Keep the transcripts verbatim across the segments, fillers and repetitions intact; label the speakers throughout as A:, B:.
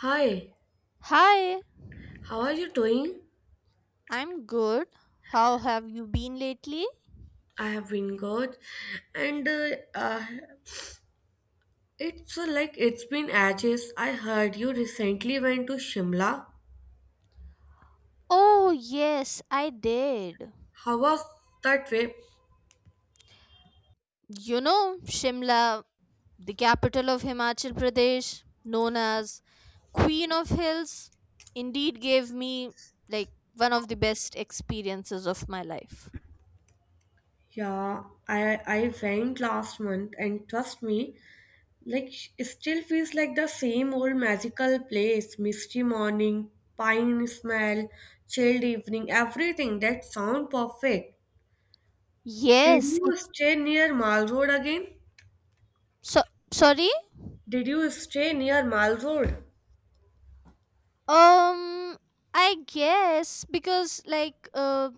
A: Hi,
B: Hi,
A: how are you doing?
B: I'm good. How have you been lately?
A: I have been good, and uh, uh, it's uh, like it's been ages. I heard you recently went to Shimla.
B: Oh, yes, I did.
A: How was that trip?
B: You know, Shimla, the capital of Himachal Pradesh, known as Queen of Hills, indeed gave me like one of the best experiences of my life.
A: Yeah, I I went last month, and trust me, like it still feels like the same old magical place. Misty morning, pine smell, chilled evening, everything. That sound perfect. Did
B: Yes,
A: you
B: it's
A: stay near Mall Road again?
B: so sorry.
A: Did you stay near Mall Road?
B: Um, I guess because like uh,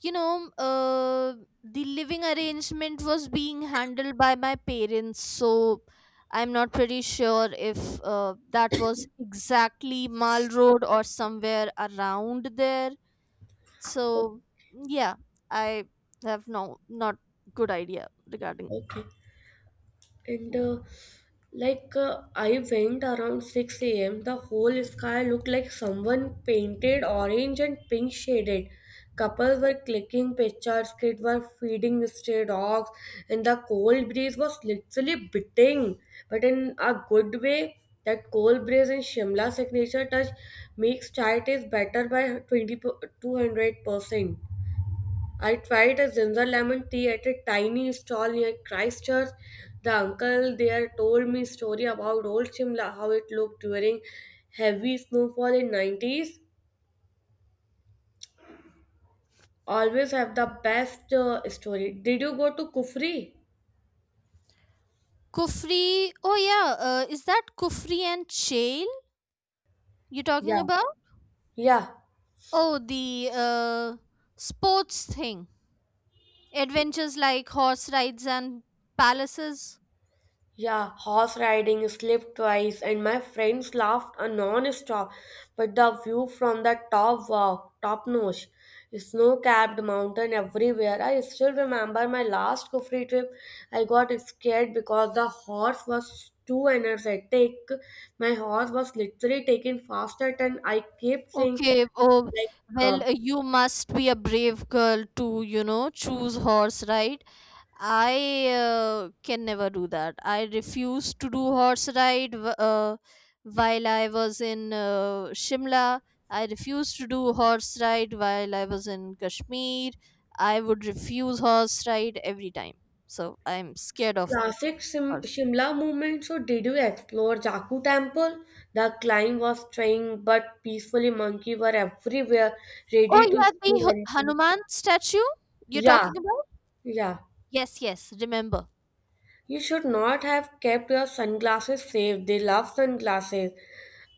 B: you know uh, the living arrangement was being handled by my parents, so I'm not pretty sure if uh, that was exactly Mall Road or somewhere around there, so yeah, I have no, not good idea regarding
A: Okay. And uh, like uh, I went around six a m. The whole sky looked like someone painted orange and pink shaded. Couples were clicking pictures, kids were feeding stray dogs, and the cold breeze was literally biting, but in a good way. That cold breeze and Shimla signature touch makes chai taste better by twenty two hundred percent. I tried a ginger lemon tea at a tiny stall near Christchurch. The uncle there told me story about old Shimla, how it looked during heavy snowfall in nineties. Always have the best uh, story. Did you go to Kufri?
B: Kufri. Oh yeah, uh, is that Kufri and Chail you're talking
A: Yeah.
B: about?
A: Yeah.
B: Oh, the uh, sports thing, adventures like horse rides and palaces.
A: Yeah, horse riding slipped twice, and my friends laughed a non-stop. But the view from the top, wow, top notch. Snow-capped mountain everywhere. I still remember my last Kufri trip. I got scared because the horse was too energetic. My horse was literally taking faster than I kept saying,
B: Okay, oh,
A: like, uh,
B: well, uh, you must be a brave girl to, you know, choose horse, right? I uh, can never do that. I refused to do horse ride wh- uh, while I was in uh, Shimla. I refused to do horse ride while I was in Kashmir. I would refuse horse ride every time. So I'm scared of
A: Classic Sim-
B: horse.
A: Shimla movement. So, did you explore Jaku Temple? The climb was trying, but peacefully monkey were everywhere,
B: Oh
A: ready to
B: yeah,
A: steal
B: the Hu-
A: anything.
B: Hanuman statue you're
A: Yeah,
B: talking about?
A: yeah.
B: Yes, yes, remember.
A: You should not have kept your sunglasses safe. They love sunglasses.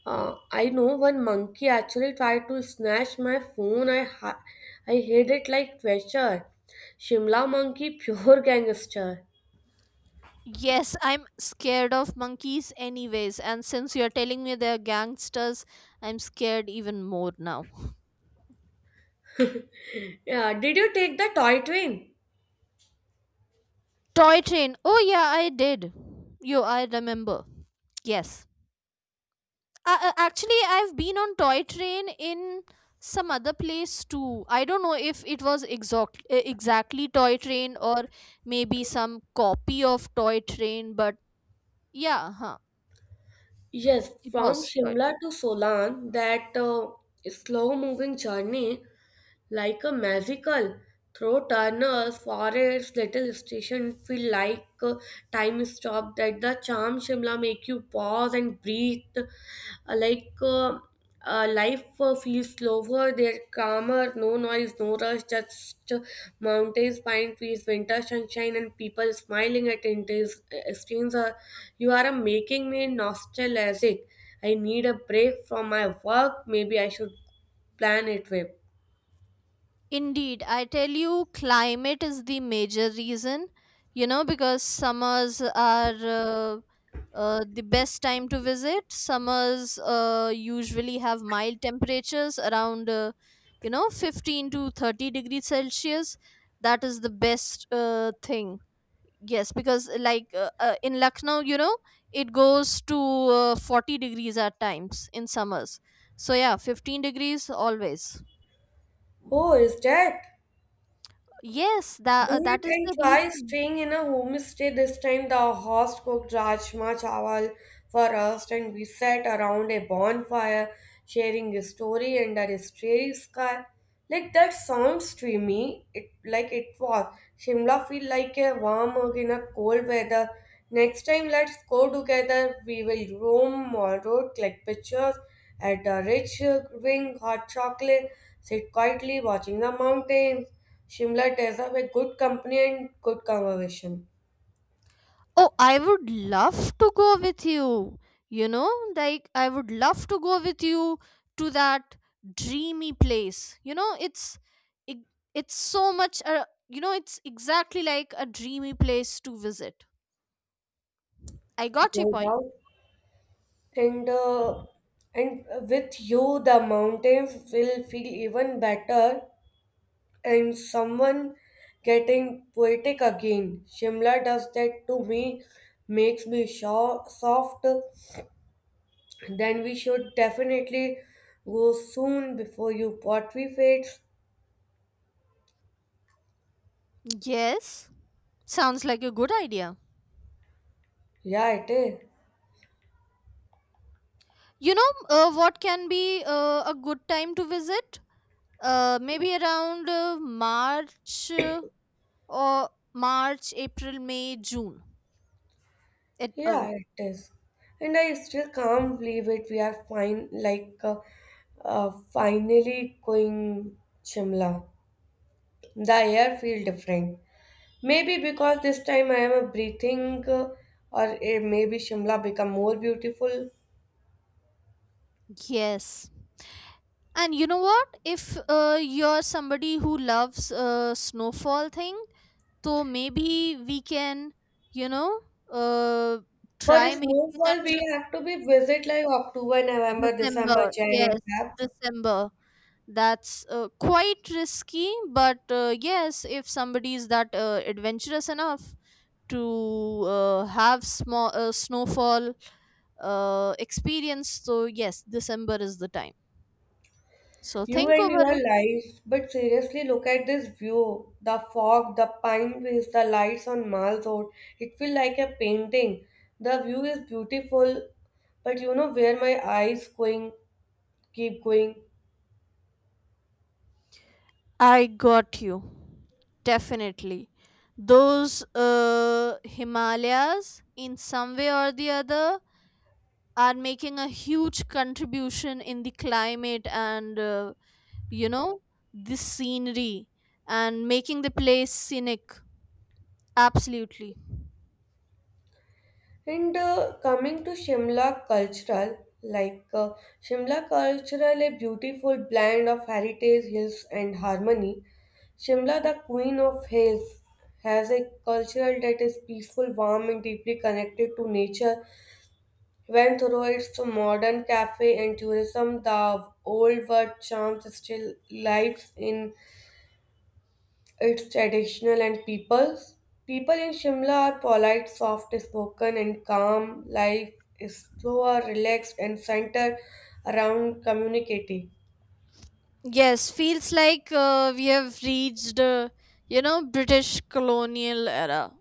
A: Uh, I know one monkey actually tried to snatch my phone. I ha- I hid it like treasure. Shimla monkey, pure gangster.
B: Yes, I'm scared of monkeys anyways, and since you're telling me they're gangsters, I'm scared even more now.
A: Yeah, did you take the toy train?
B: Toy train. Oh yeah, I did. Yo, I remember. Yes. Uh, uh, actually, I've been on toy train in some other place too. I don't know if it was exact, uh, exactly toy train or maybe some copy of toy train, but yeah, huh.
A: Yes,
B: It
A: from
B: was toy.
A: Shimla to Solan, that uh, slow moving journey like a magical through Turner's Forest little station feel like uh, time stopped at the charm Shimla make you pause and breathe. Uh, like uh, uh, life uh, feels slower there, calmer, no noise, no rush, just uh, mountains, pine trees, winter sunshine, and people smiling at intense exchange. Uh, you are uh, making me nostalgic. I need a break from my work, maybe I should plan it with.
B: Indeed, I tell you, climate is the major reason, you know, because summers are uh, uh, the best time to visit. Summers uh, usually have mild temperatures around, uh, you know, fifteen to thirty degrees Celsius. That is the best uh, thing. Yes, because like uh, uh, in Lucknow, you know, it goes to uh, forty degrees at times in summers. So, yeah, fifteen degrees always.
A: Oh, is that?
B: Yes, that uh,
A: Do it
B: that is
A: and
B: the
A: try
B: reason.
A: staying in a homestay this time. The host cooked rajma chawal for us, and we sat around a bonfire, sharing a story under a starry sky. Like that sounds dreamy. It like it was. Shimla feel like a warm hug in a cold weather. Next time, let's go together. We will roam Mall Road, click pictures at the rich uh, wing, hot chocolate, sit quietly watching the mountains. Shimla tears up a good company and good conversation,
B: Oh, I would love to go with you. You know, like I would love to go with you to that dreamy place. You know, it's it, it's so much uh, you know, it's exactly like a dreamy place to visit. I got your
A: no
B: point.
A: doubt. And uh, and with you, the mountains will feel even better. And someone getting poetic again. Shimla does that to me, makes me sho- soft. Then we should definitely go soon before your pottery fades.
B: Yes, sounds like a good idea.
A: Yeah, it is.
B: You know, uh, what can be uh, a good time to visit? Uh, maybe around uh, March. Uh, or March, April, May, June. It um
A: Yeah, it is. And I still can't believe it. We are fine, like uh, uh, finally going Shimla. The air feel different. Maybe because this time I am a breathing, uh, or uh, maybe Shimla become more beautiful.
B: yes. And you know what? If uh, you're somebody who loves uh, snowfall thing, so maybe we can, you know, uh,
A: For a
B: try making a
A: snowfall, we
B: trip
A: have to be visit like October, November, December,
B: December.
A: Jan, and
B: Yes,
A: Feb.
B: December. That's uh, quite risky, but uh, yes, if somebody is that uh, adventurous enough, to uh, have small uh, snowfall uh, experience, so yes, December is the time, so
A: You
B: think
A: and
B: over
A: your
B: it.
A: life, but seriously, look at this view. The fog, the pine trees, the lights on Mall Road. It feels like a painting. The view is beautiful, but you know where my eyes going keep going.
B: I got you. Definitely those uh, Himalayas in some way or the other are making a huge contribution in the climate and uh, you know, the scenery and making the place scenic. Absolutely.
A: And uh, coming to Shimla cultural, like uh, Shimla cultural, a beautiful blend of heritage hills and harmony. Shimla, the queen of hills, has a cultural that is peaceful, warm, and deeply connected to nature. When through its modern cafe and tourism, the old world charm still lives in its traditional and peoples. People in Shimla are polite, soft spoken, and calm. Life is slower, relaxed, and centered around community.
B: Yes, feels like uh, we have reached, uh, you know, British colonial era.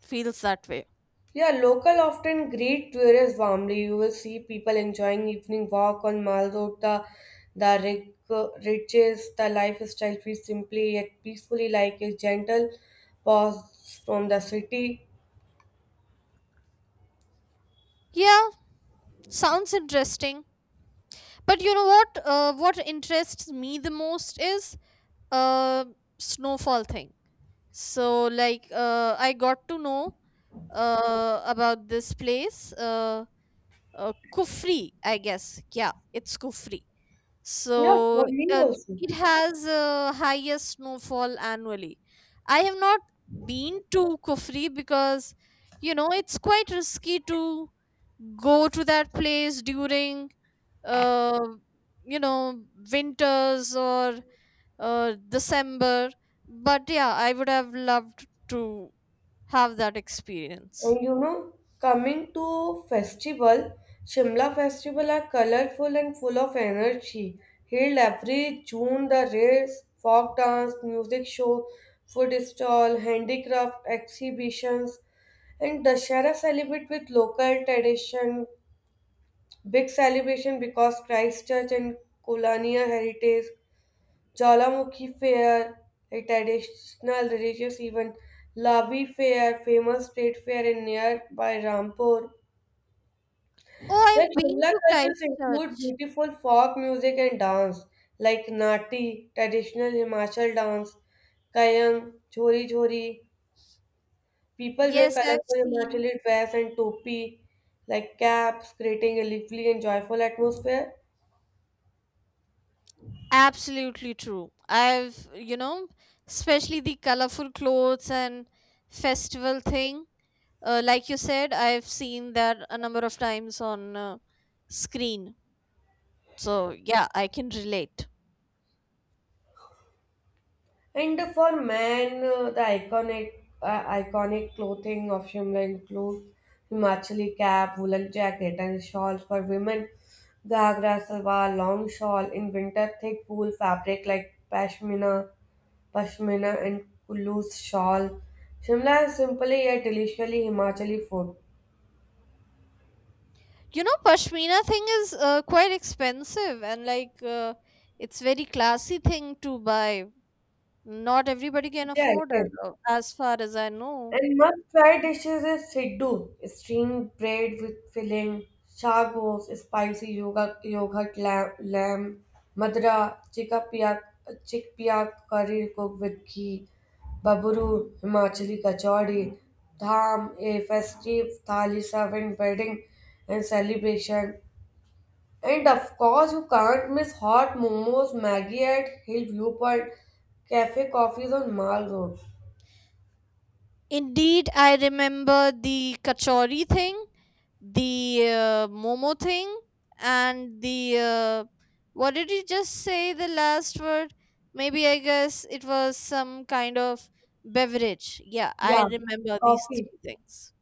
B: Feels that way.
A: Yeah, local often greet tourists warmly. You will see people enjoying evening walk on Malgota. The rig- riches, the lifestyle feels simply yet peacefully like a gentle pause from the city.
B: Yeah, sounds interesting. But you know what? Uh, what interests me the most is uh, snowfall thing. So like uh, I got to know uh about this place uh, uh Kufri, I guess. Yeah, it's Kufri.
A: Yeah,
B: So
A: for me
B: uh,
A: also.
B: it has uh, highest snowfall annually. I have not been to Kufri because you know it's quite risky to go to that place during uh, you know, winters or uh, December. But yeah, I would have loved to have that experience.
A: And you know, coming to festival, Shimla festival are colorful and full of energy. Held every June, the race, folk dance, music show, food stall, handicraft exhibitions, and Dashara celebrate with local tradition. Big celebration because Christchurch and colonial heritage. Jalamukhi Fair, a traditional religious event, Lavi Fair, famous street fair in nearby Rampur.
B: Oh,
A: Like
B: I've been
A: Shimla
B: to
A: cultures include
B: Christchurch.
A: beautiful folk music and dance, like Nati, traditional Himachal dance, Kayang, Chori Chori. People wear
B: Yes, I've
A: colorful
B: seen.
A: Himachali dress and topi, like caps, creating a lively and joyful atmosphere.
B: Absolutely true. I've, you know, especially the colorful clothes and festival thing. Uh, like you said, I've seen that a number of times on uh, screen. So, yeah, I can relate.
A: And for men, uh, the iconic uh, iconic clothing of Shimla include Himachali cap, woolen jacket, and shawls. For women, ghagra, salwar, long shawl. In winter, thick wool fabric like pashmina, pashmina, and loose shawl. Shimla is simply yet deliciously Himachali food.
B: You know, pashmina thing is uh, quite expensive and like uh, it's very classy thing to buy. Not everybody can
A: Yeah, it
B: afford it,
A: is.
B: uh, as far as I know.
A: And must try dishes is siddu, steamed bread with filling, shagos, spicy yoga, yogurt lamb, lamb madra, chickpea, chickpea curry cooked with ghee, baburu, Himachali kachori, dham, a festive thali serving wedding and celebration. And of course, you can't miss hot momos, Maggie at Hill Viewpoint, cafe coffees on Mall Road.
B: Indeed, I remember the kachori thing, the uh, momo thing, and the uh, what did you just say, the last word? Maybe I guess it was some kind of beverage. Yeah, I
A: Yeah,
B: remember these
A: coffee.
B: three things.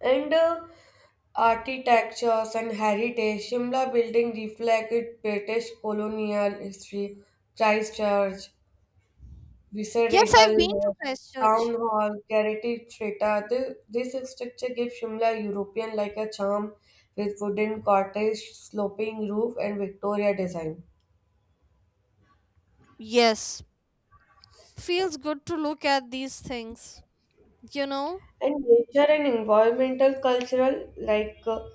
A: and uh, architectures and heritage. Shimla building reflect its British colonial history. Christchurch,
B: Yes,
A: Viceregal
B: I've been to
A: Lodge, Town
B: Christchurch.
A: Hall, Carity Theatre. Thi- This, structure gives Shimla European like a charm with wooden cottage, sloping roof, and Victoria design.
B: Yes, feels good to look at these things, you know.
A: And nature and environmental cultural like uh,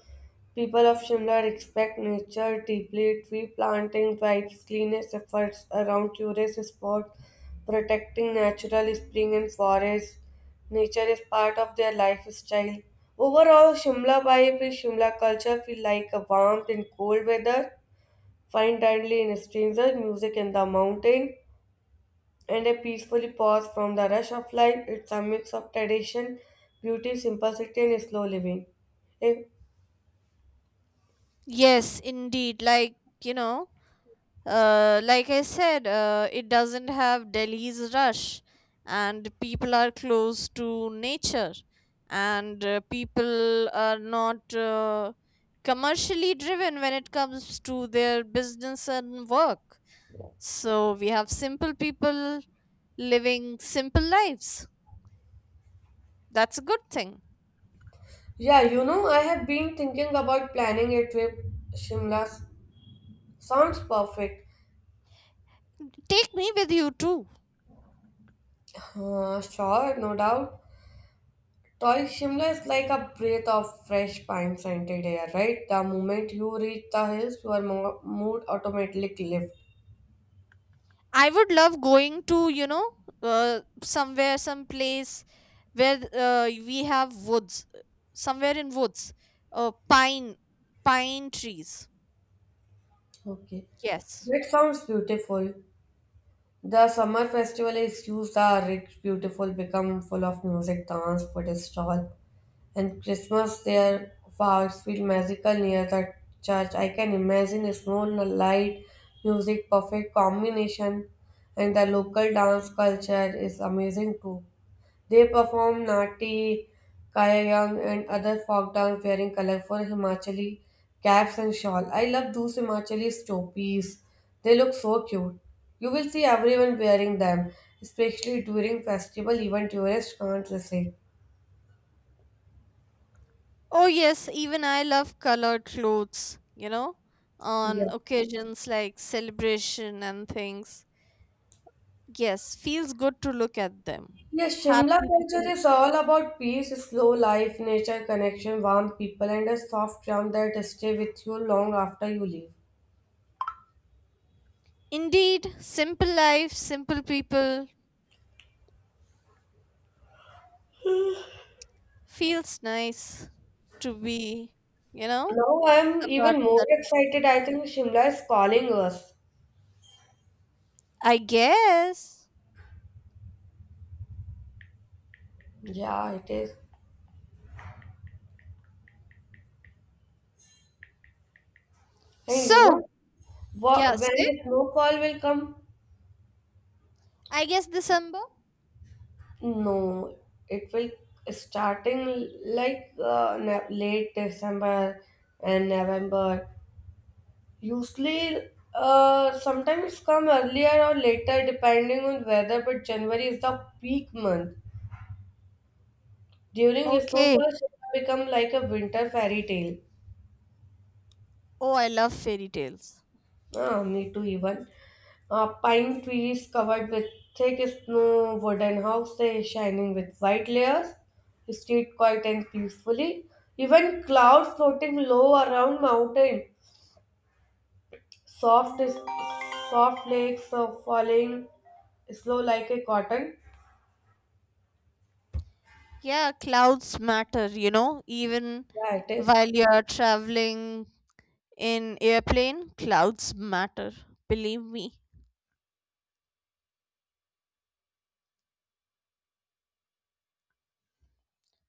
A: People of Shimla respect nature deeply, tree planting drives cleanest efforts around tourist spots, protecting natural spring and forest. Nature is part of their lifestyle. Overall, Shimla vibe is Shimla culture feel like a warmth in cold weather, fine dining in stranger, music in the mountain, and a peacefully pause from the rush of life. It's a mix of tradition, beauty, simplicity, and slow living. A.
B: Yes, indeed, like you know, uh like I said, uh it doesn't have Delhi's rush, and people are close to nature, and uh, people are not uh, commercially driven when it comes to their business and work. So we have simple people living simple lives. That's a good thing.
A: Yeah, you know, I have been thinking about planning a trip. Shimla s- sounds perfect.
B: Take me with you too.
A: Uh, sure, no doubt. Toy Shimla is like a breath of fresh pine scented air, right? The moment you reach the hills, your mo- mood automatically lifts.
B: I would love going to, you know, uh, somewhere, some place where uh, we have woods, uh, somewhere in woods, uh, pine, pine trees.
A: Okay.
B: Yes.
A: That sounds beautiful. The summer festival is used the rich, beautiful become full of music, dance, food stall. And Christmas their fireworks feel magical near the church. I can imagine a snow light, music, perfect combination, and the local dance culture is amazing too. They perform Nati, Kayang, and other folk dance wearing colorful Himachali caps and shawl. I love those Himachali stopis. They look so cute. You will see everyone wearing them, especially during festival, even tourists can't resist.
B: Oh, yes. Even I love colored clothes, you know, on
A: Yeah.
B: occasions like celebration and things. Yes, feels good to look at them.
A: Yes, Shimla
B: Happy
A: culture
B: people.
A: is all about peace, slow life, nature connection, warm people, and a soft charm that stay with you long after you leave.
B: Indeed, simple life, simple people, feels nice to be, you know,
A: Now I'm
B: a part
A: even
B: of
A: more
B: that.
A: excited. I think Shimla is calling us.
B: I guess.
A: Yeah, it is. And you
B: So,
A: know, wha-
B: yeah,
A: when
B: see?
A: the snowfall will come?
B: I guess December.
A: No, it will starting like uh, ne- late December and November. Usually, uh, sometimes come earlier or later depending on weather, but January is the peak month. During snowfall,
B: Okay.
A: Shimla become like a winter fairy tale.
B: Oh, I love fairy tales.
A: Ah, me too, even. Uh, pine trees covered with thick snow, wooden houses shining with white layers, street quiet and peacefully, even clouds floating low around mountain, soft, soft flakes of falling slow like a cotton.
B: Yeah, clouds matter, you know, even
A: Yeah, it is.
B: while you're traveling in airplane, clouds matter, believe me.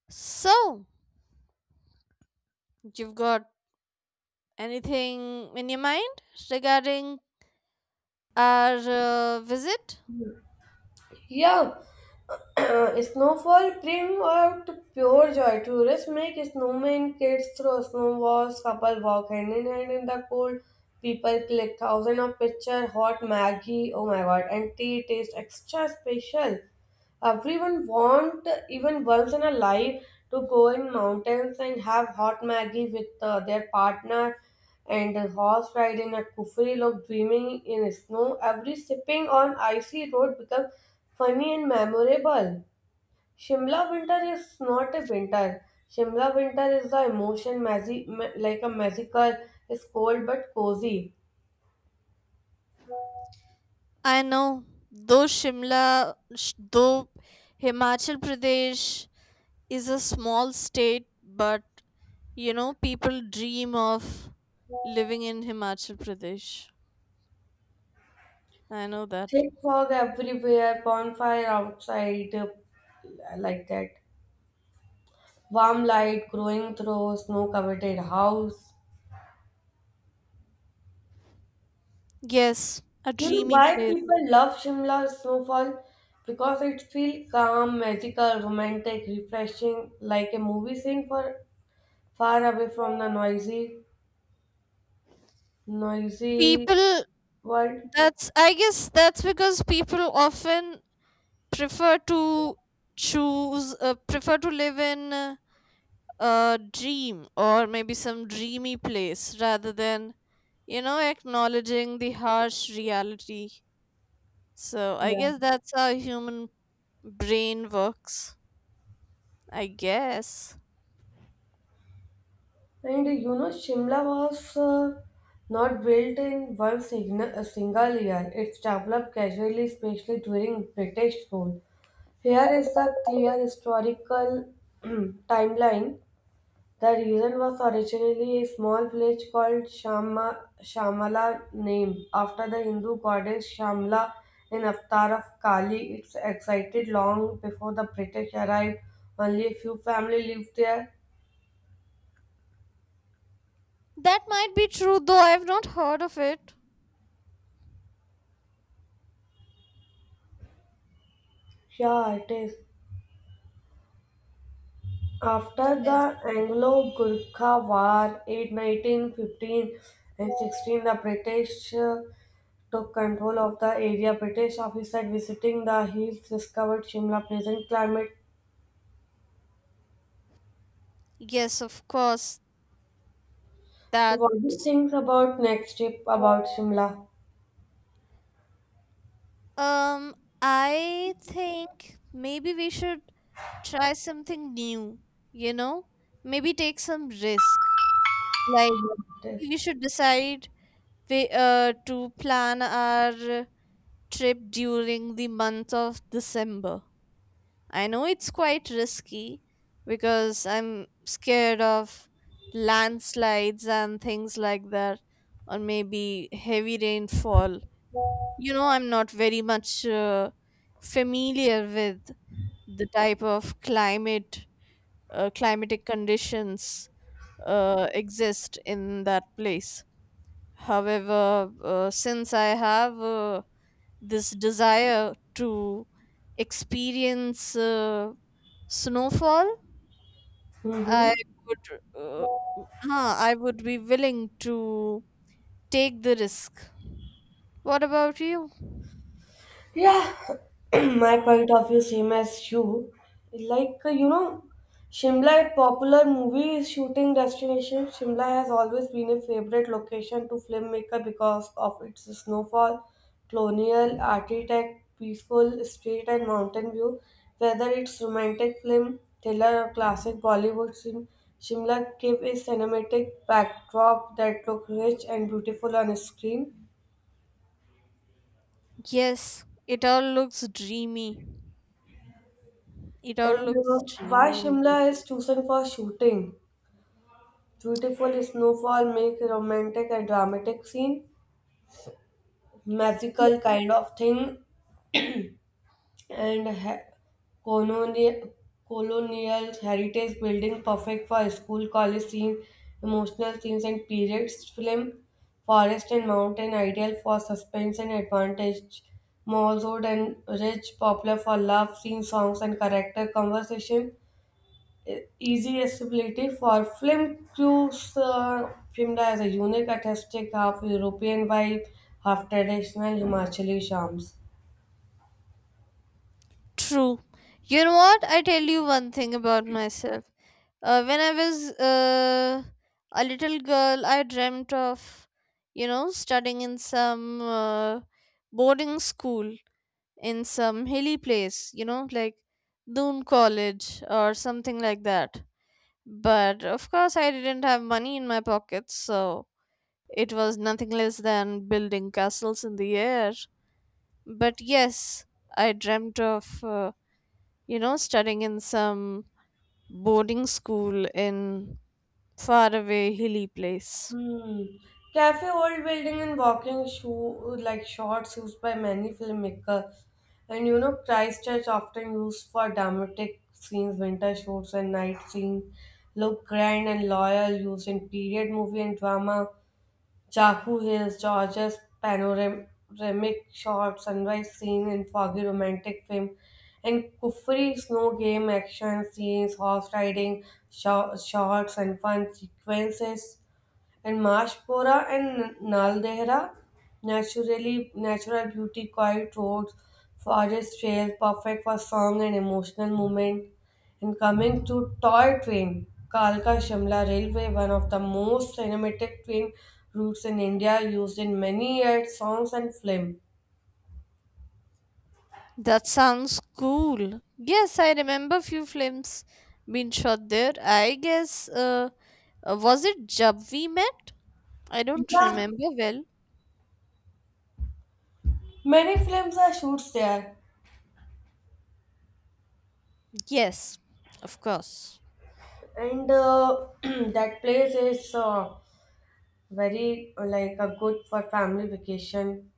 B: So, you've got anything in your mind regarding our uh, visit?
A: Yeah, snowfall bring out pure joy. Tourists make snowmen, kids throw snowballs, couple walk hand in hand in the cold. People click thousand of picture, hot Maggie, oh my god, and tea taste extra special. Everyone want, even girls in a life, to go in mountains and have hot Maggie with uh, their partner and a horse ride in a kufri of dreaming in snow. Every sipping on icy road becomes funny and memorable. Shimla winter is not a winter. Shimla winter is the emotion magi- ma- like a magical. It's cold but cozy.
B: I know, though Shimla, sh- though Himachal Pradesh is a small state, but you know, people dream of living in Himachal Pradesh. I know that.
A: Thick fog everywhere, bonfire outside, uh, like that. Warm light growing through snow covered house.
B: Yes, a
A: You know
B: dreamy
A: why
B: place.
A: people love Shimla snowfall? Because it feels calm, magical, romantic, refreshing, like a movie scene for far away from the noisy, noisy
B: People,
A: world.
B: that's, I guess that's because people often prefer to choose, uh, prefer to live in uh, a dream or maybe some dreamy place rather than, you know, acknowledging the harsh reality. So I
A: Yeah.
B: guess that's how human brain works. I guess.
A: And you know, Shimla was uh, not built in one signal, a single year. It's developed casually, especially during British rule. Here is the clear historical timeline. The reason was originally a small village called Shama, Shamala, named after the Hindu goddess Shamla, an avatar of Kali. It existed long before the British arrived. Only a few families lived there.
B: That might be true, though I've not heard of it.
A: Yeah, it is. After
B: Yes.
A: the Anglo-Gurkha War in nineteen fifteen and sixteen, the British uh, took control of the area. British officers visiting the hills discovered Shimla pleasant climate.
B: Yes, of course.
A: So what do you
B: That's
A: think about next trip about Shimla?
B: um I think maybe we should try something new, you know? Maybe take some risk. Like
A: What it is?
B: maybe we should decide we, uh, to plan our trip during the month of December. I know it's quite risky because I'm scared of landslides and things like that, or maybe heavy rainfall. You know, I'm not very much uh, familiar with the type of climate, uh, climatic conditions uh, exist in that place. However, uh, since I have uh, this desire to experience uh, snowfall, i
A: Mm-hmm.
B: would uh, huh, I would be willing to take the risk. What about you?
A: Yeah, my point of view same as you. Like uh, you know, Shimla, a popular movie shooting destination. Shimla has always been a favorite location to filmmaker because of its snowfall, colonial architect, peaceful street and mountain view. Whether it's romantic film, thriller, or classic Bollywood film, Shimla gives a cinematic backdrop that looks rich and beautiful on screen.
B: Yes, it all looks dreamy. It all
A: And uh,
B: looks
A: Why
B: dreamy indeed.
A: Shimla is chosen for shooting? Beautiful snowfall make romantic and dramatic scene,
B: Yeah,
A: magical kind of thing, and ha- colonial colonial heritage building perfect for school college scene, emotional scenes and periods film, forest and mountain ideal for suspense and advantage, malls road and rich popular for love scene songs and character conversation e, easy accessibility for film crews. Uh, Pimda has a unique artistic, half European vibe, half traditional Himachali charms.
B: true. You know what, I tell you one thing about myself. Uh, when I was uh, a little girl, I dreamt of, you know, studying in some uh, boarding school in some hilly place, you know, like Doon College or something like that. But of course, I didn't have money in my pockets, so it was nothing less than building castles in the air. But yes, I dreamt of, uh, you know, studying in some boarding school in faraway hilly place.
A: Hmm. Cafe Old Building and walking shoe like shorts used by many filmmakers, and you know Christchurch often used for dramatic scenes, winter shoots, and night scenes. Look grand and loyal, used in period movie and drama. Chaku Hills, Georgia's panoramic shot, sunrise scene in foggy romantic film, and Kufri snow game action scenes, horse riding sho- shots, and fun sequences. And Mashpora and Naldehra, naturally natural beauty, quiet roads, forest trails, perfect for song and emotional movement. And coming to toy train, Kalka Shimla Railway, one of the most cinematic train routes in India, used in many ads, songs and film.
B: That sounds cool. Yes, I remember few films being shot there. I guess uh, uh, was it Jab We Met? I don't
A: Yeah,
B: remember well.
A: many films are shoots there,
B: Yes, of course.
A: and uh, that place is uh, very uh, like a good for family vacation.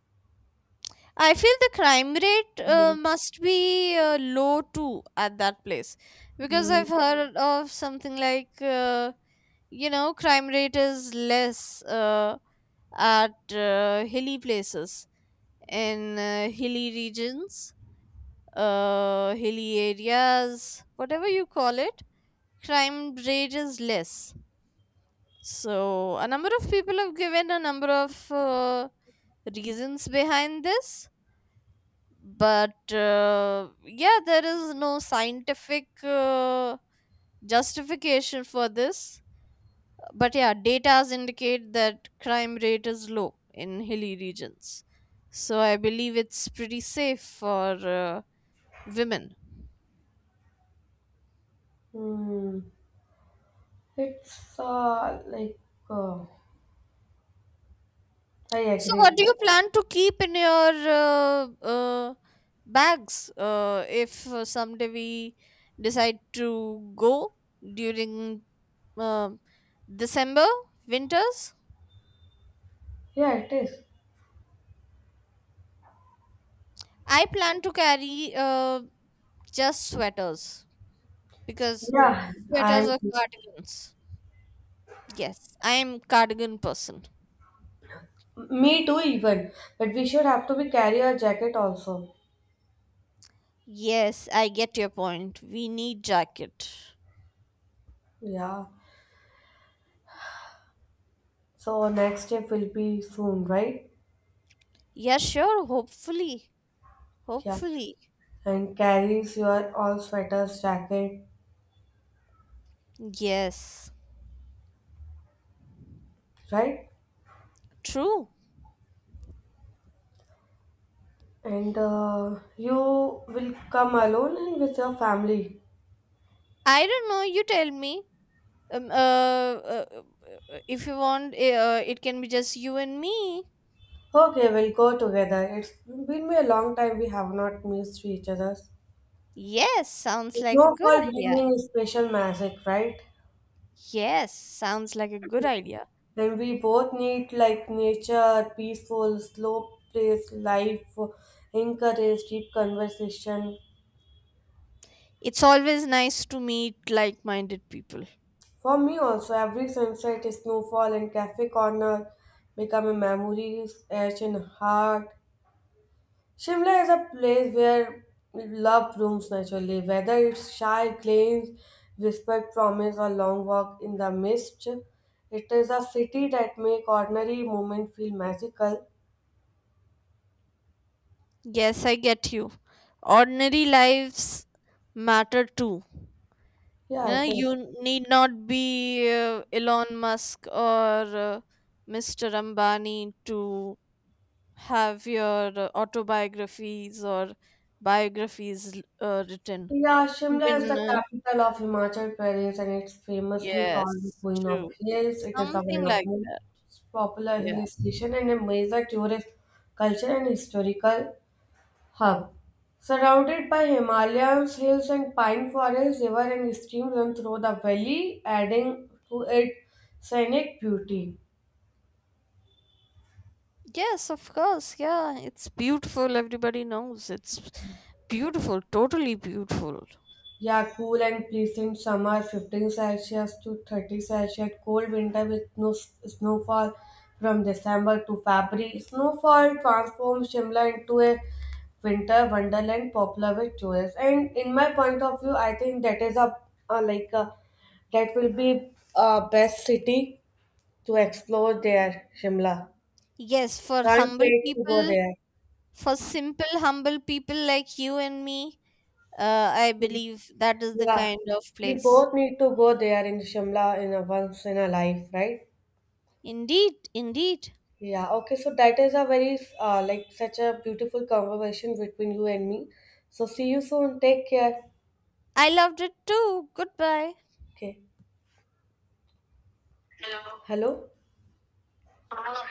B: I feel the crime rate uh, must be uh, low too at that place, because
A: Mm.
B: I've heard of something like uh, you know, crime rate is less uh, at uh, hilly places, in uh, hilly regions, uh, hilly areas, whatever you call it, crime rate is less. So, a number of people have given a number of uh, reasons behind this, but uh, yeah, there is no scientific uh, justification for this. But yeah, data indicate that crime rate is low in hilly regions. So I believe it's pretty safe for uh, women.
A: Hmm. It's uh, like uh, I
B: So, what do
A: agree.
B: you plan to keep in your uh, uh, bags, uh, if uh, someday we decide to go during uh, December winters?
A: Yeah, it is.
B: I plan to carry uh, just sweaters because uh,
A: Yeah, I'm.
B: sweaters or cardigans. Yes, I am cardigan person.
A: Me too, even. But we should have to be carry our jacket also.
B: Yes, I get your point. We need jacket.
A: Yeah. So next step will be soon, right?
B: Yeah, sure. Hopefully,
A: Yeah.
B: hopefully.
A: And carries your all sweaters, jacket,
B: Yes,
A: right?
B: true.
A: And uh, You will come alone and with your family.
B: I don't know. You tell me. Um, uh, uh, uh, uh, if you want, eh, uh, it can be just you and me.
A: Okay, we'll go together. It's been a long time we have not missed each other.
B: Yes, sounds like a good
A: Snowfall
B: idea.
A: bringing is special magic, right?
B: Yes, sounds like a good idea.
A: Then we both need like nature, peaceful, slow place, life, encourage deep conversation.
B: It's always nice to meet like minded people.
A: For me also, every sunset, snowfall, and cafe corner become a memories etched in heart. Shimla is a place where love blooms naturally, whether it's shy claims, whispered promise, or long walk in the mist. It is a city that make ordinary moment feel magical.
B: Yes, I get you. Ordinary lives matter too.
A: Yeah,
B: Uh,
A: it is.
B: you need not be uh, Elon Musk or uh, mister Ambani to have your uh, autobiographies or biographies l- uh, written.
A: Yeah, Shimla is
B: Even,
A: the
B: uh,
A: capital of Himachal Pradesh and it's famously called the
B: yes,
A: Queen of
B: true.
A: Hills. It is the one
B: Something
A: of
B: like that.
A: most popular
B: Yeah.
A: hill station and a major tourist culture and historical hub. Surrounded by Himalayas, hills, and pine forests, river and stream run through the valley, adding to its scenic beauty.
B: Yes, of course. Yeah, it's beautiful. Everybody knows it's beautiful, totally beautiful.
A: Yeah, cool and pleasant summer, fifteen Celsius to thirty Celsius, cold winter with no s- snowfall from December to February. Snowfall transforms Shimla into a winter wonderland popular with tourists. And in my point of view, I think that is a, a like a, that will be a best city to explore there, Shimla.
B: Yes, for
A: Can't
B: humble
A: wait to go
B: people,
A: there.
B: for simple humble people like you and me, uh, I believe that is the
A: Yeah,
B: kind of
A: we
B: place.
A: both need to go there in Shimla in a once in a life, right?
B: Indeed, indeed,
A: Yeah, okay, so that is a very uh, like such a beautiful conversation between you and me. So see you soon. Take care.
B: I loved it too. Goodbye.
A: Okay. Hello?